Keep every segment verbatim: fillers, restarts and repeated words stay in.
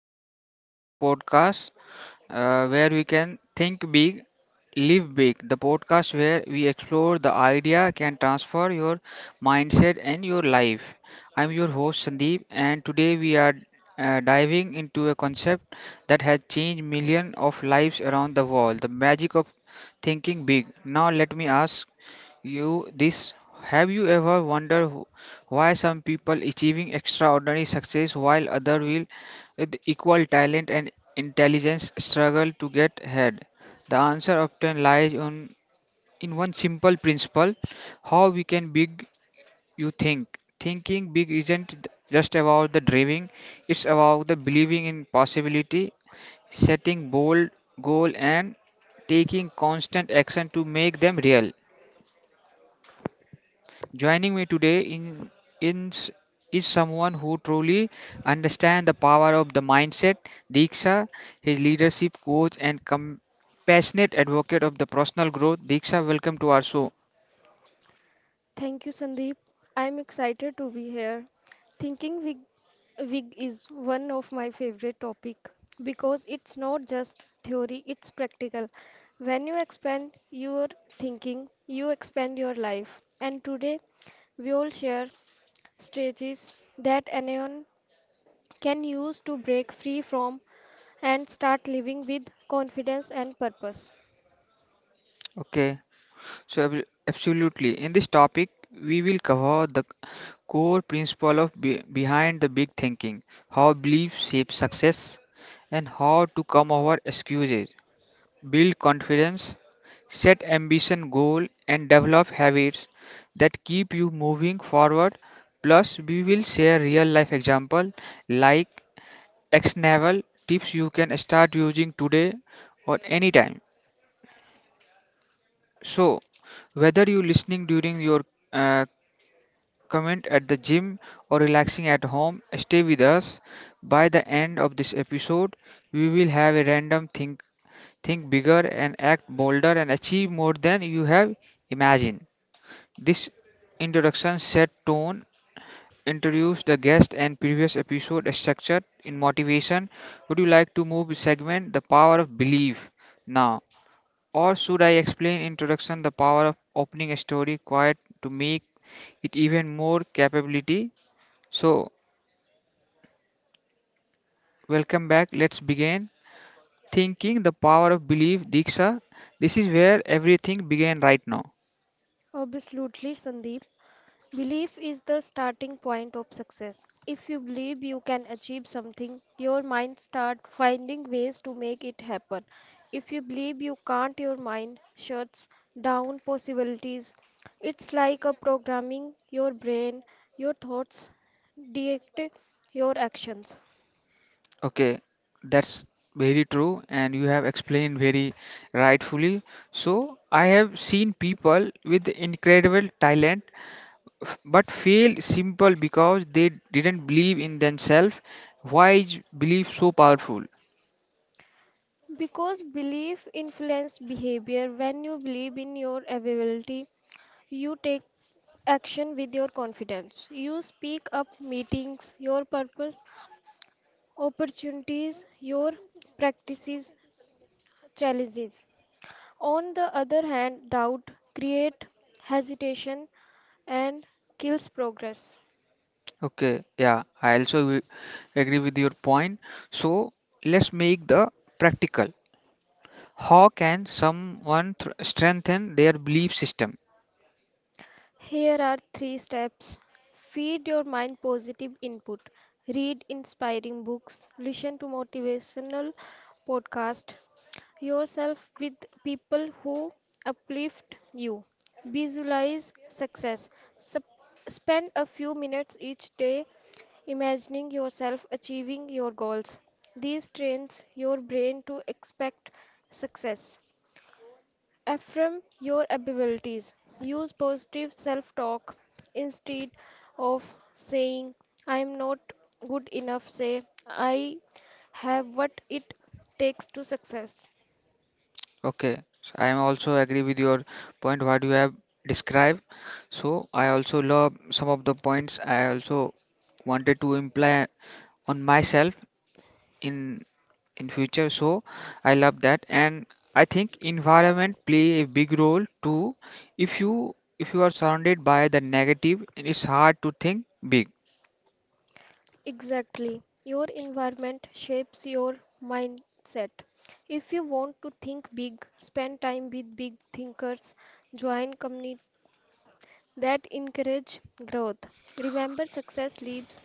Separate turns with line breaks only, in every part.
Hello, welcome to our podcast, uh, where we can think big, live big. The podcast where we explore the idea can transfer your mindset and your life. I'm your host Sandeep, and today we are uh, diving into a concept that has changed millions of lives around the world, the magic of thinking big. Now, let me ask you this, have you ever wondered wh- why some people achieving extraordinary success while others with equal talent and intelligence struggle to get ahead? The answer often lies on, in one simple principle, how we can big you think. Thinking big isn't just about the dreaming, it's about the believing in possibility, setting bold goal and taking constant action to make them real. Joining me today in, in s- is someone who truly understands the power of the mindset, Diksha, his leadership coach and compassionate advocate of the personal growth. Diksha, welcome to our show.
Thank you, Sandeep. I'm excited to be here. Thinking wig, wig is one of my favorite topic because it's not just theory, it's practical. When you expand your thinking, you expand your life. And today, we all share strategies that anyone can use to break free from and start living with confidence and purpose.
Okay, so ab- absolutely. In this topic, we will cover the core principle of be- behind the big thinking, how beliefs shape success, and how to come over excuses, build confidence, set ambition goal and develop habits that keep you moving forward. Plus, we will share real life example like actionable tips you can start using today or anytime. So, whether you listening during your uh, comment at the gym or relaxing at home, stay with us. By the end of this episode, we will have a random think. Think bigger and act bolder and achieve more than you have imagined. This introduction set tone, introduced the guest and previous episode structure in motivation. Would you like to move segment the power of belief now? Or should I explain introduction the power of opening a story quiet to make it even more capability? So welcome back. Let's begin. Thinking the power of belief, Diksha. This is where everything began right now.
Absolutely, Sandeep. Belief is the starting point of success. If you believe you can achieve something, your mind starts finding ways to make it happen. If you believe you can't, your mind shuts down possibilities. It's like a programming your brain, your thoughts dictate your actions.
Okay, that's very true, and you have explained very rightfully. So, I have seen people with incredible talent f- but fail simple because they didn't believe in themselves. Why is belief so powerful?
Because belief influences behavior. When you believe in your ability, you take action with your confidence. You speak up meetings, your purpose, opportunities, your practices, challenges. On the other hand, doubt create hesitation and kills progress.
Okay, yeah, I also wi- agree with your point. So, let's make the practical. How can someone thr- strengthen their belief system?
Here are three steps feed your mind positive input, read inspiring books, listen to motivational podcasts, yourself with people who uplift you, visualize success, Sup- spend a few minutes each day imagining yourself achieving your goals. This trains your brain to expect success. Affirm your abilities. Use positive self talk instead of saying, I am not good enough. Say, I have what it takes to success.
Okay, so I am also agree with your point what you have described. So I also love some of the points I also wanted to imply on myself in in future. So I love that, and I think environment play a big role too. If you if you are surrounded by the negative, it's hard to think big.
Exactly. Your environment shapes your mindset. If you want to think big, spend time with big thinkers, join communities that encourage growth. Remember, success leaves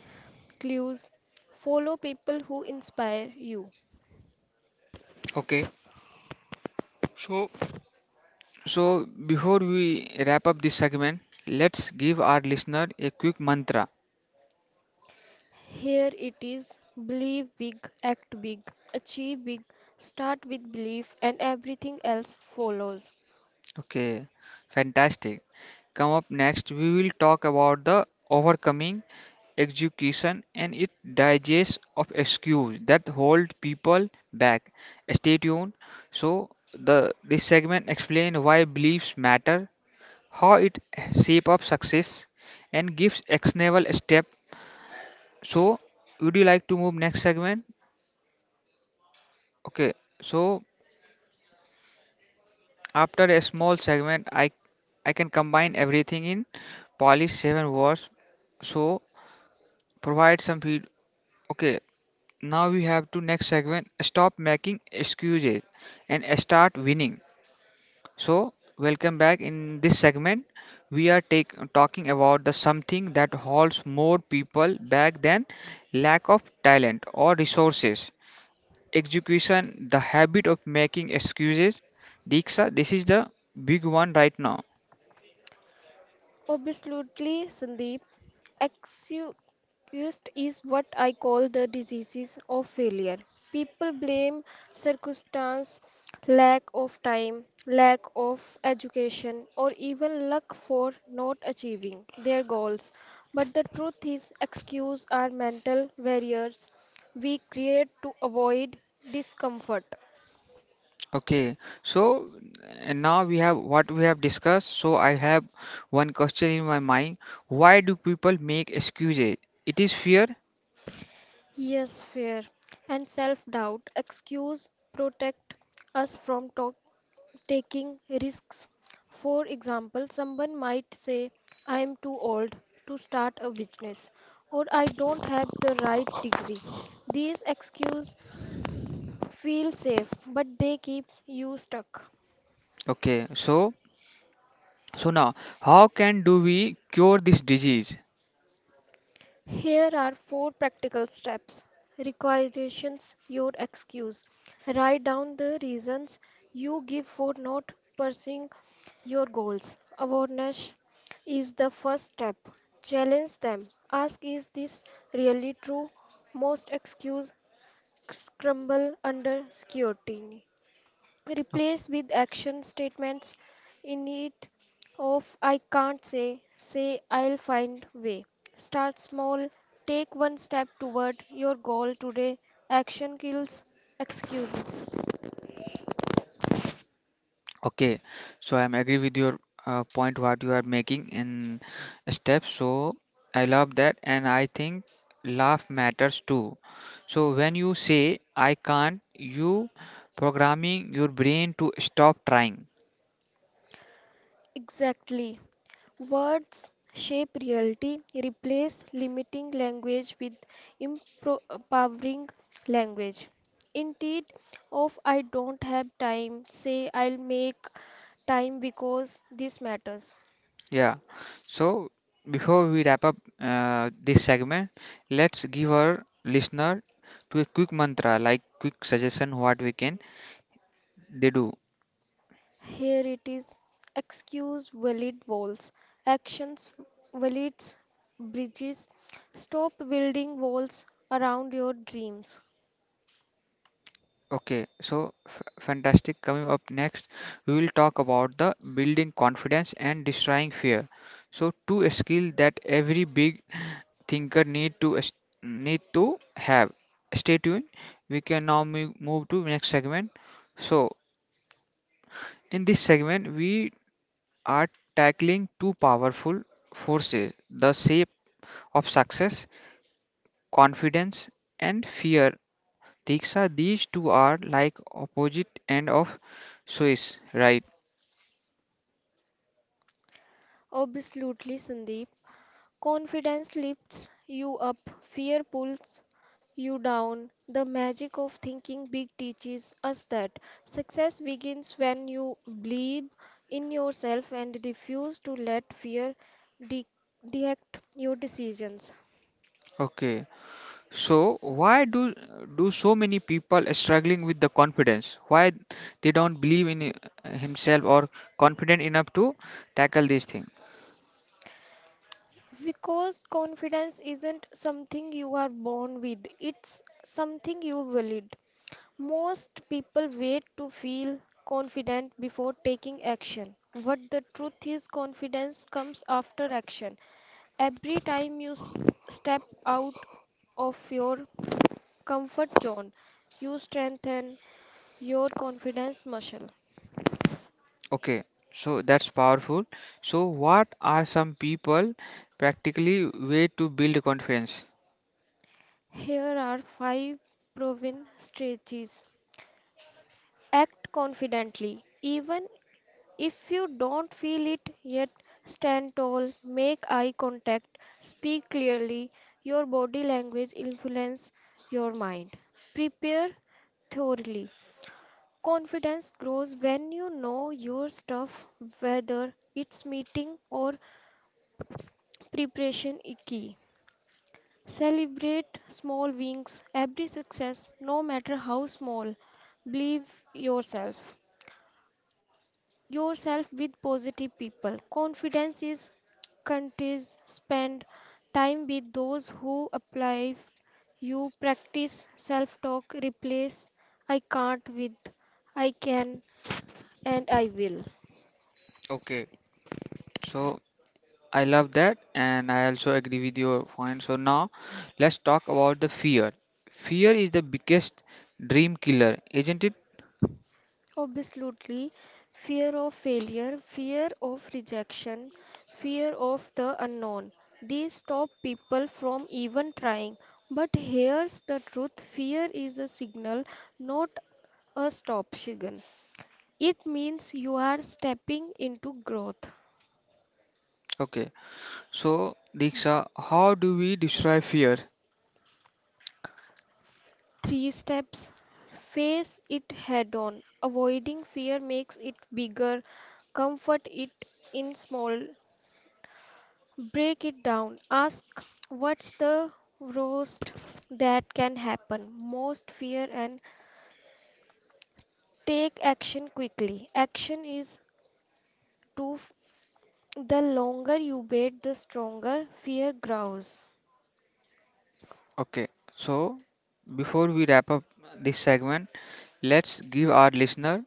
clues. Follow people who inspire you.
Okay, so so before we wrap up this segment, let's give our listener a quick mantra.
Here it is believe big, act big, achieve big, start with belief, and everything else follows.
Okay, fantastic. Come up next, we will talk about the overcoming execution and its digest of excuse that hold people back. Stay tuned. So the this segment explain why beliefs matter, how it shape up success, and gives actionable step. So would you like to move next segment? Okay, so after a small segment, I, I can combine everything in polish seven words. So provide some feed. Okay, now we have to next segment. Stop making excuses and start winning. So welcome back. In this segment, we are take, talking about the something that holds more people back than lack of talent or resources. Execution, the habit of making excuses. Diksha, this is the big one right now.
Absolutely, Sandeep. Excused is what I call the diseases of failure. People blame circumstance, lack of time, lack of education, or even luck for not achieving their goals. But the truth is, excuses are mental barriers we create to avoid discomfort.
Okay, so and now we have what we have discussed. So I have one question in my mind. Why do people make excuses? It is fear.
Yes, fear and self doubt. Excuse protect us from to- taking risks. For example, someone might say, I am too old to start a business or I don't have the right degree. These excuses feel safe, but they keep you stuck.
Okay, so so now how can do we cure this disease?
Here are four practical steps. Requisitions your excuse. Write down the reasons you give for not pursuing your goals. Awareness is the first step. Challenge them. Ask is this really true? Most excuses crumble under scrutiny.
Okay.
Replace with action statements in it of I can't say, say I'll find way. Start small, take one step toward your goal today. Action kills excuses.
Okay, so I'm agree with your uh, point what you are making in steps. So I love that, and I think laugh matters too. So when you say I can't, you programming your brain to stop trying.
Exactly. Words shape reality. Replace limiting language with impro- empowering language. Instead of I don't have time, say I'll make time because this matters.
Yeah. So before we wrap up uh, this segment, let's give our listener to a quick mantra, like quick suggestion what we can they do.
Here it is. Excuse valid walls. Actions valid bridges. Stop building walls around your dreams.
Okay. So f fantastic. Coming up next, we will talk about the building confidence and destroying fear. So two a skill that every big thinker need to es- need to have. Stay tuned. We can now mo- move to next segment. So in this segment, we are tackling two powerful forces the shape of success, confidence, and fear. Diksha, these two are like opposite end of Swiss, right?
Absolutely, Sandeep. Confidence lifts you up, fear pulls you down. The magic of thinking big teaches us that success begins when you believe in yourself and refuse to let fear de- direct your decisions.
Okay. So why do do so many people struggling with the confidence? Why they don't believe in uh, himself or confident enough to tackle this thing?
Because confidence isn't something you are born with, it's something you build. Most people wait to feel confident before taking action. But the truth is, confidence comes after action. Every time you s- step out of your comfort zone, you strengthen your confidence muscle.
Okay. So that's powerful. So what are some people practically way to build confidence?
Here are five proven strategies. Act confidently. Even if you don't feel it yet, stand tall, make eye contact, speak clearly. Your body language influence your mind. Prepare thoroughly. Confidence grows when you know your stuff, whether it's meeting or preparation is key. Celebrate small wins, every success, no matter how small. Believe yourself. Yourself with positive people. Confidence is contagious. Spend time with those who apply you. Practice self talk. Replace I can't with I can and I will.
Okay. So I love that, and I also agree with your point. So now let's talk about the fear. Fear is the biggest dream killer, isn't it?
Absolutely, fear of failure, fear of rejection, fear of the unknown. These stop people from even trying. But here's the truth fear is a signal, not a stop, signal. It means you are stepping into growth.
Okay. So Diksha, how do we destroy fear?
Three steps face it head on. Avoiding fear makes it bigger, comfort it in small. Break it down. Ask what's the worst that can happen, most fear, and take action quickly. Action is to the longer you wait, the stronger fear grows.
Okay. So before we wrap up this segment, let's give our listener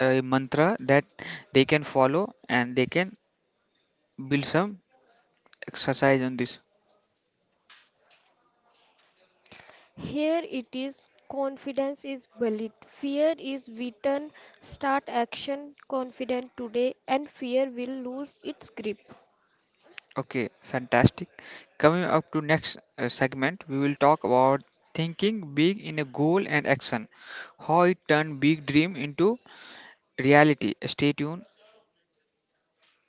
a mantra that they can follow and they can build some exercise on this.
Here it is confidence is valid. Fear is beaten. Start action confident today, and fear will lose its grip.
Okay, fantastic. Coming up to next uh, segment, we will talk about thinking big in a goal and action, how it turned big dream into reality. Stay tuned.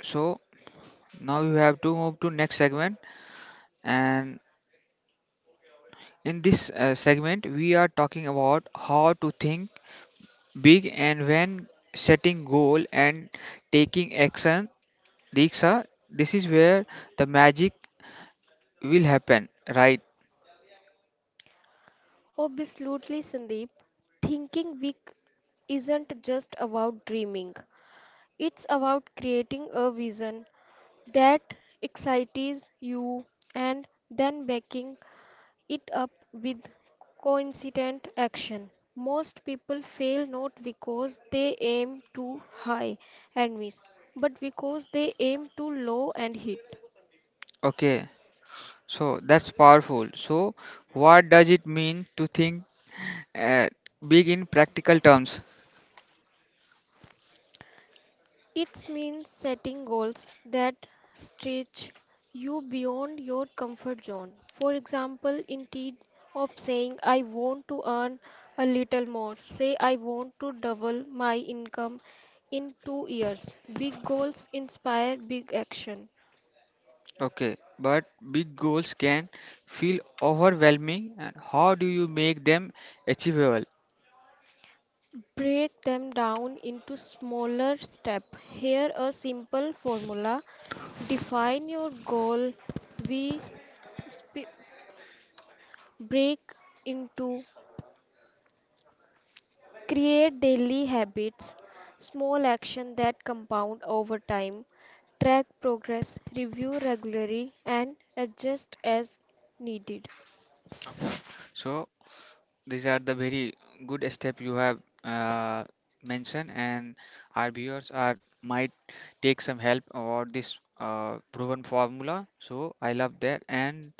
So now we have to move to next segment, and in this uh, segment, we are talking about how to think big and when setting goal and taking action. Diksha, this is where the magic will happen, right?
Absolutely, Sandeep. Thinking big isn't just about dreaming, it's about creating a vision that excites you and then backing it up with coincident action. Most people fail not because they aim too high and miss, but because they aim too low and hit.
Okay. So that's powerful. So what does it mean to think uh, big in practical terms?
It means setting goals that stretch you beyond your comfort zone. For example, instead of saying, I want to earn a little more, say, I want to double my income in two years. Big goals inspire big action.
Okay, but big goals can feel overwhelming and how do you make them achievable?
Break them down into smaller steps. Here a simple formula. Define your goal. We sp- break into create daily habits, small action that compound over time. Track progress, review regularly and adjust as needed.
So these are the very good step you have uh, mentioned and our viewers are might take some help about this uh, proven formula. So I love that and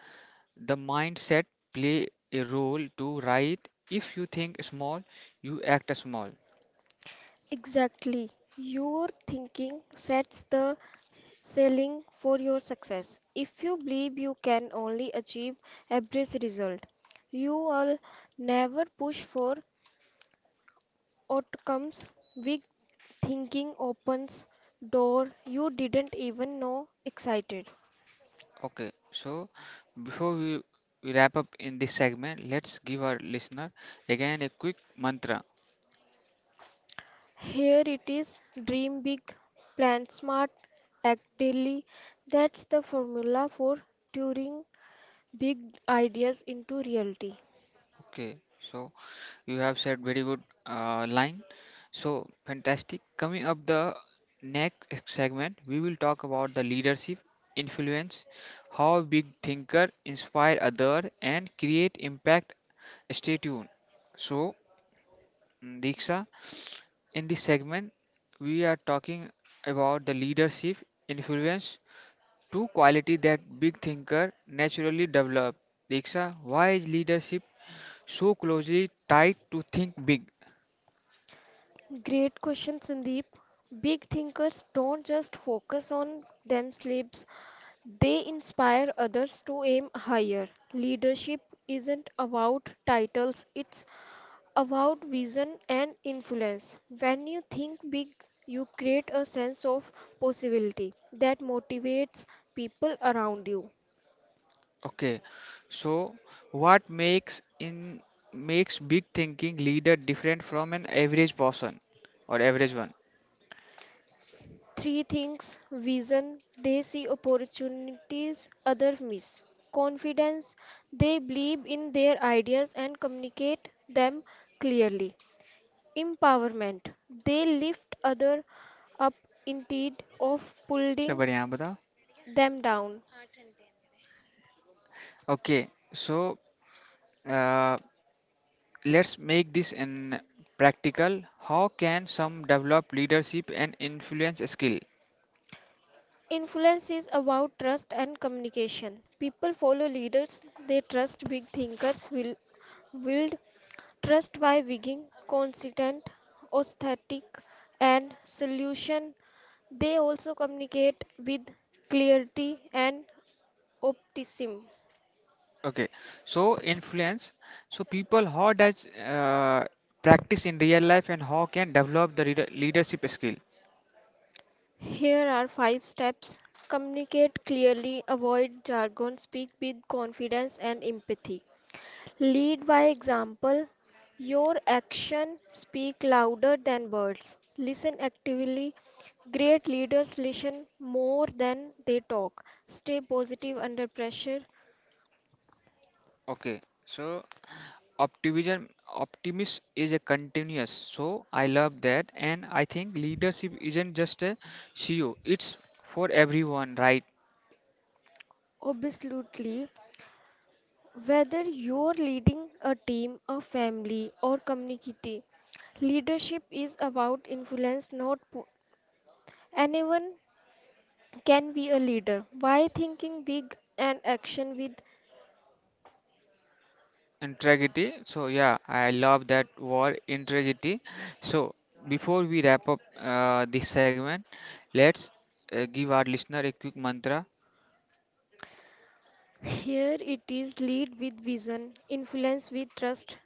the mindset play a role to right? If you think small, you act small.
Exactly. Your thinking sets the s- ceiling for your success. If you believe you can only achieve average result, you will never push for outcomes. Big thinking opens door you didn't even know excited.
Okay, so before we we wrap up in this segment, let's give our listener again a quick mantra.
Here it is, dream big, plan smart, act daily. That's the formula for turning big ideas into reality.
Okay, so you have said very good uh, line. So fantastic. Coming up the next segment, we will talk about the leadership influence, how big thinker inspire other and create impact. Stay tuned. So Mm, Diksha. In this segment, we are talking about the leadership influence, two quality that big thinker naturally develop. Diksha, why is leadership so closely tied to think big?
Great question, Sandeep. Big thinkers don't just focus on themselves, they inspire others to aim higher. Leadership isn't about titles, it's about vision and influence. When you think big, you create a sense of possibility that motivates people around you.
Okay, so what makes in makes big thinking leader different from an average person or average one?
Three things vision, they see opportunities others miss. Confidence, they believe in their ideas and communicate them clearly. Empowerment, they lift others up instead of
सब
pulling
बढ़िया आप बताओ.
them down.
Okay, so uh, let's make this in practical. How can some develop leadership and influence skill?
Influence is about trust and communication. People follow leaders they trust. Big thinkers will build trust by being consistent, authentic, and solution. They also communicate with clarity and optimism.
Okay, so influence. So people, how does uh, practice in real life and how can develop the leader- leadership skill?
Here are five steps: communicate clearly, avoid jargon, speak with confidence and empathy. Lead by example. Your action speak louder than words. Listen actively. Great leaders listen more than they talk. Stay positive under pressure.
Okay, so optimism optimism is a continuous. So I love that, and I think leadership isn't just a C E O. It's for everyone, right?
Absolutely. Whether you're leading a team, a family, or community, leadership is about influence, not po- anyone can be a leader. Why thinking big and action with
Integrity. So yeah, I love that word integrity. So before we wrap up uh, this segment, let's uh, give our listener a quick mantra.
Here it is lead with vision, influence with trust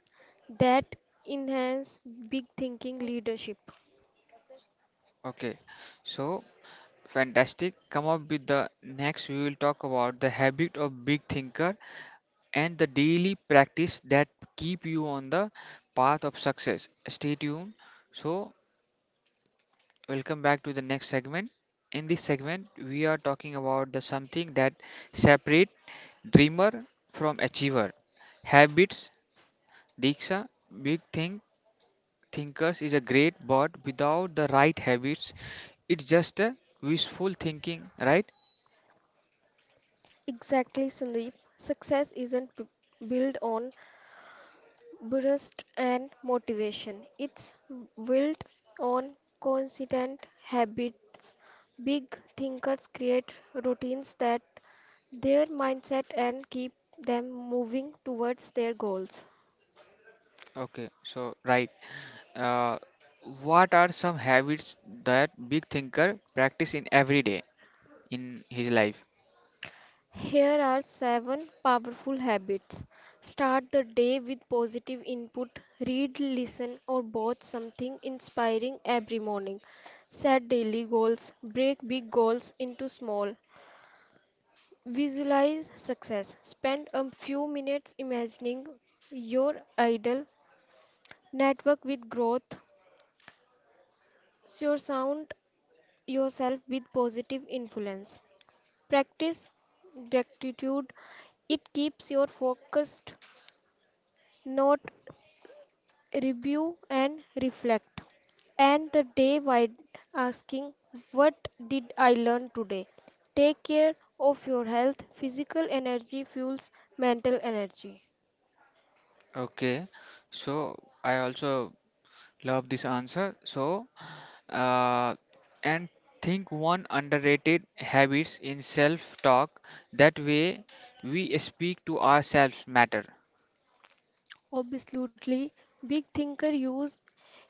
that enhance big thinking leadership.
Okay. So fantastic. Come up with the next. We will talk about the habit of big thinker and the daily practice that keep you on the path of success. Stay tuned. So welcome back to the next segment. In this segment, we are talking about the something that separate dreamer from achiever. Habits, Diksha, big thing thinkers is a great, but without the right habits, it's just a wishful thinking, right?
Exactly, Sandeep. Success isn't b- built on burst and motivation. It's built on consistent habits. Big thinkers create routines that their mindset and keep them moving towards their goals.
Okay, so right. Uh, what are some habits that big thinker practice in every day in his life?
Here are seven powerful habits. Start the day with positive input. Read, listen, or watch something inspiring every morning. Set daily goals. Break big goals into small. Visualize success. Spend a few minutes imagining your ideal. Network with growth. Surround yourself with positive influence. Practice gratitude. It keeps your focused, not review and reflect. And the day by asking, what did I learn today? Take care of your health. Physical energy fuels mental energy.
Okay, so I also love this answer. So uh, and think one underrated habits in self talk that way we speak to ourselves matter.
Absolutely, big thinker use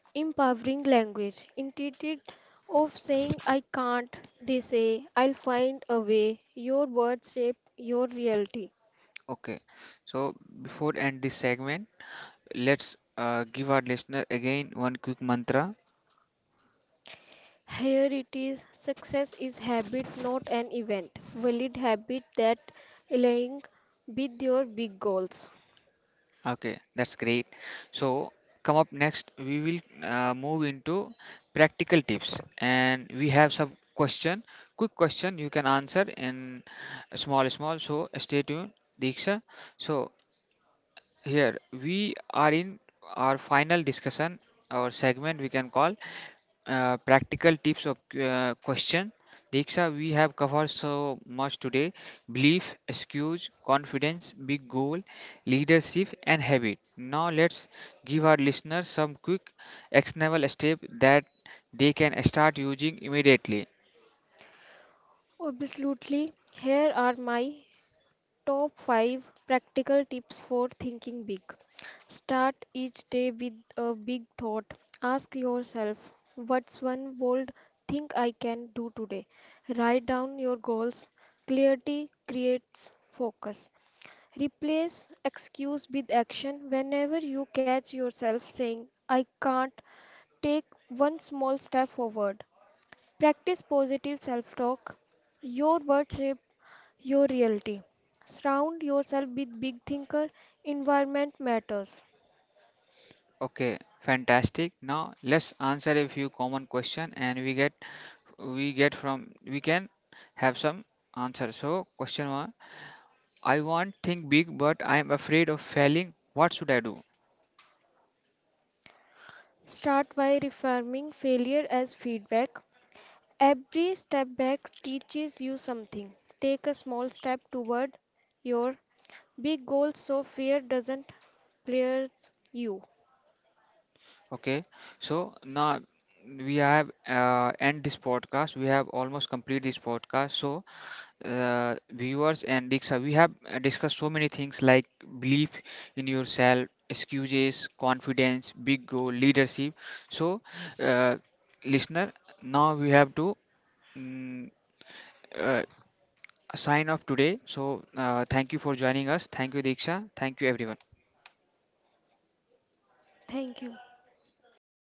empowering language. Instead of saying, I can't, they say, I'll find a way. Your words shape your reality.
Okay, so before end this segment, let's uh, give our listener again one quick mantra.
Here it is success is habit, not an event. Valid habit that align with your big goals.
Okay, that's great. So come up next, we will uh, move into practical tips and we have some question quick question you can answer in small small, so stay tuned, Diksha. So here we are in our final discussion, our segment we can call uh, practical tips of uh, question. Diksha, we have covered so much today: belief, excuse, confidence, big goal, leadership, and habit. Now let's give our listeners some quick actionable step that they can start using immediately.
Absolutely. Here are my top five practical tips for thinking big. Start each day with a big thought. Ask yourself, what's one bold thing I can do today? Write down your goals. Clarity creates focus. Replace excuse with action whenever you catch yourself saying, I can't take one small step forward. Practice positive self talk. Your words shape your reality. Surround yourself with big thinker. Environment matters.
Okay, fantastic. Now let's answer a few common question and we get we get from we can have some answer. So question one, I want think big but I am afraid of failing, what should I do?
Start by reframing failure as feedback. Every step back teaches you something. Take a small step toward your big goal so fear doesn't clears you.
Okay, so now we have uh, end this podcast, we have almost complete this podcast. So uh, viewers and Diksha, we have uh, discussed so many things like belief in yourself, excuses, confidence, big goal, leadership. So uh, listener, now we have to mm, uh, sign off today. So, uh, thank you for joining us. Thank you, Diksha. Thank you, everyone.
Thank you.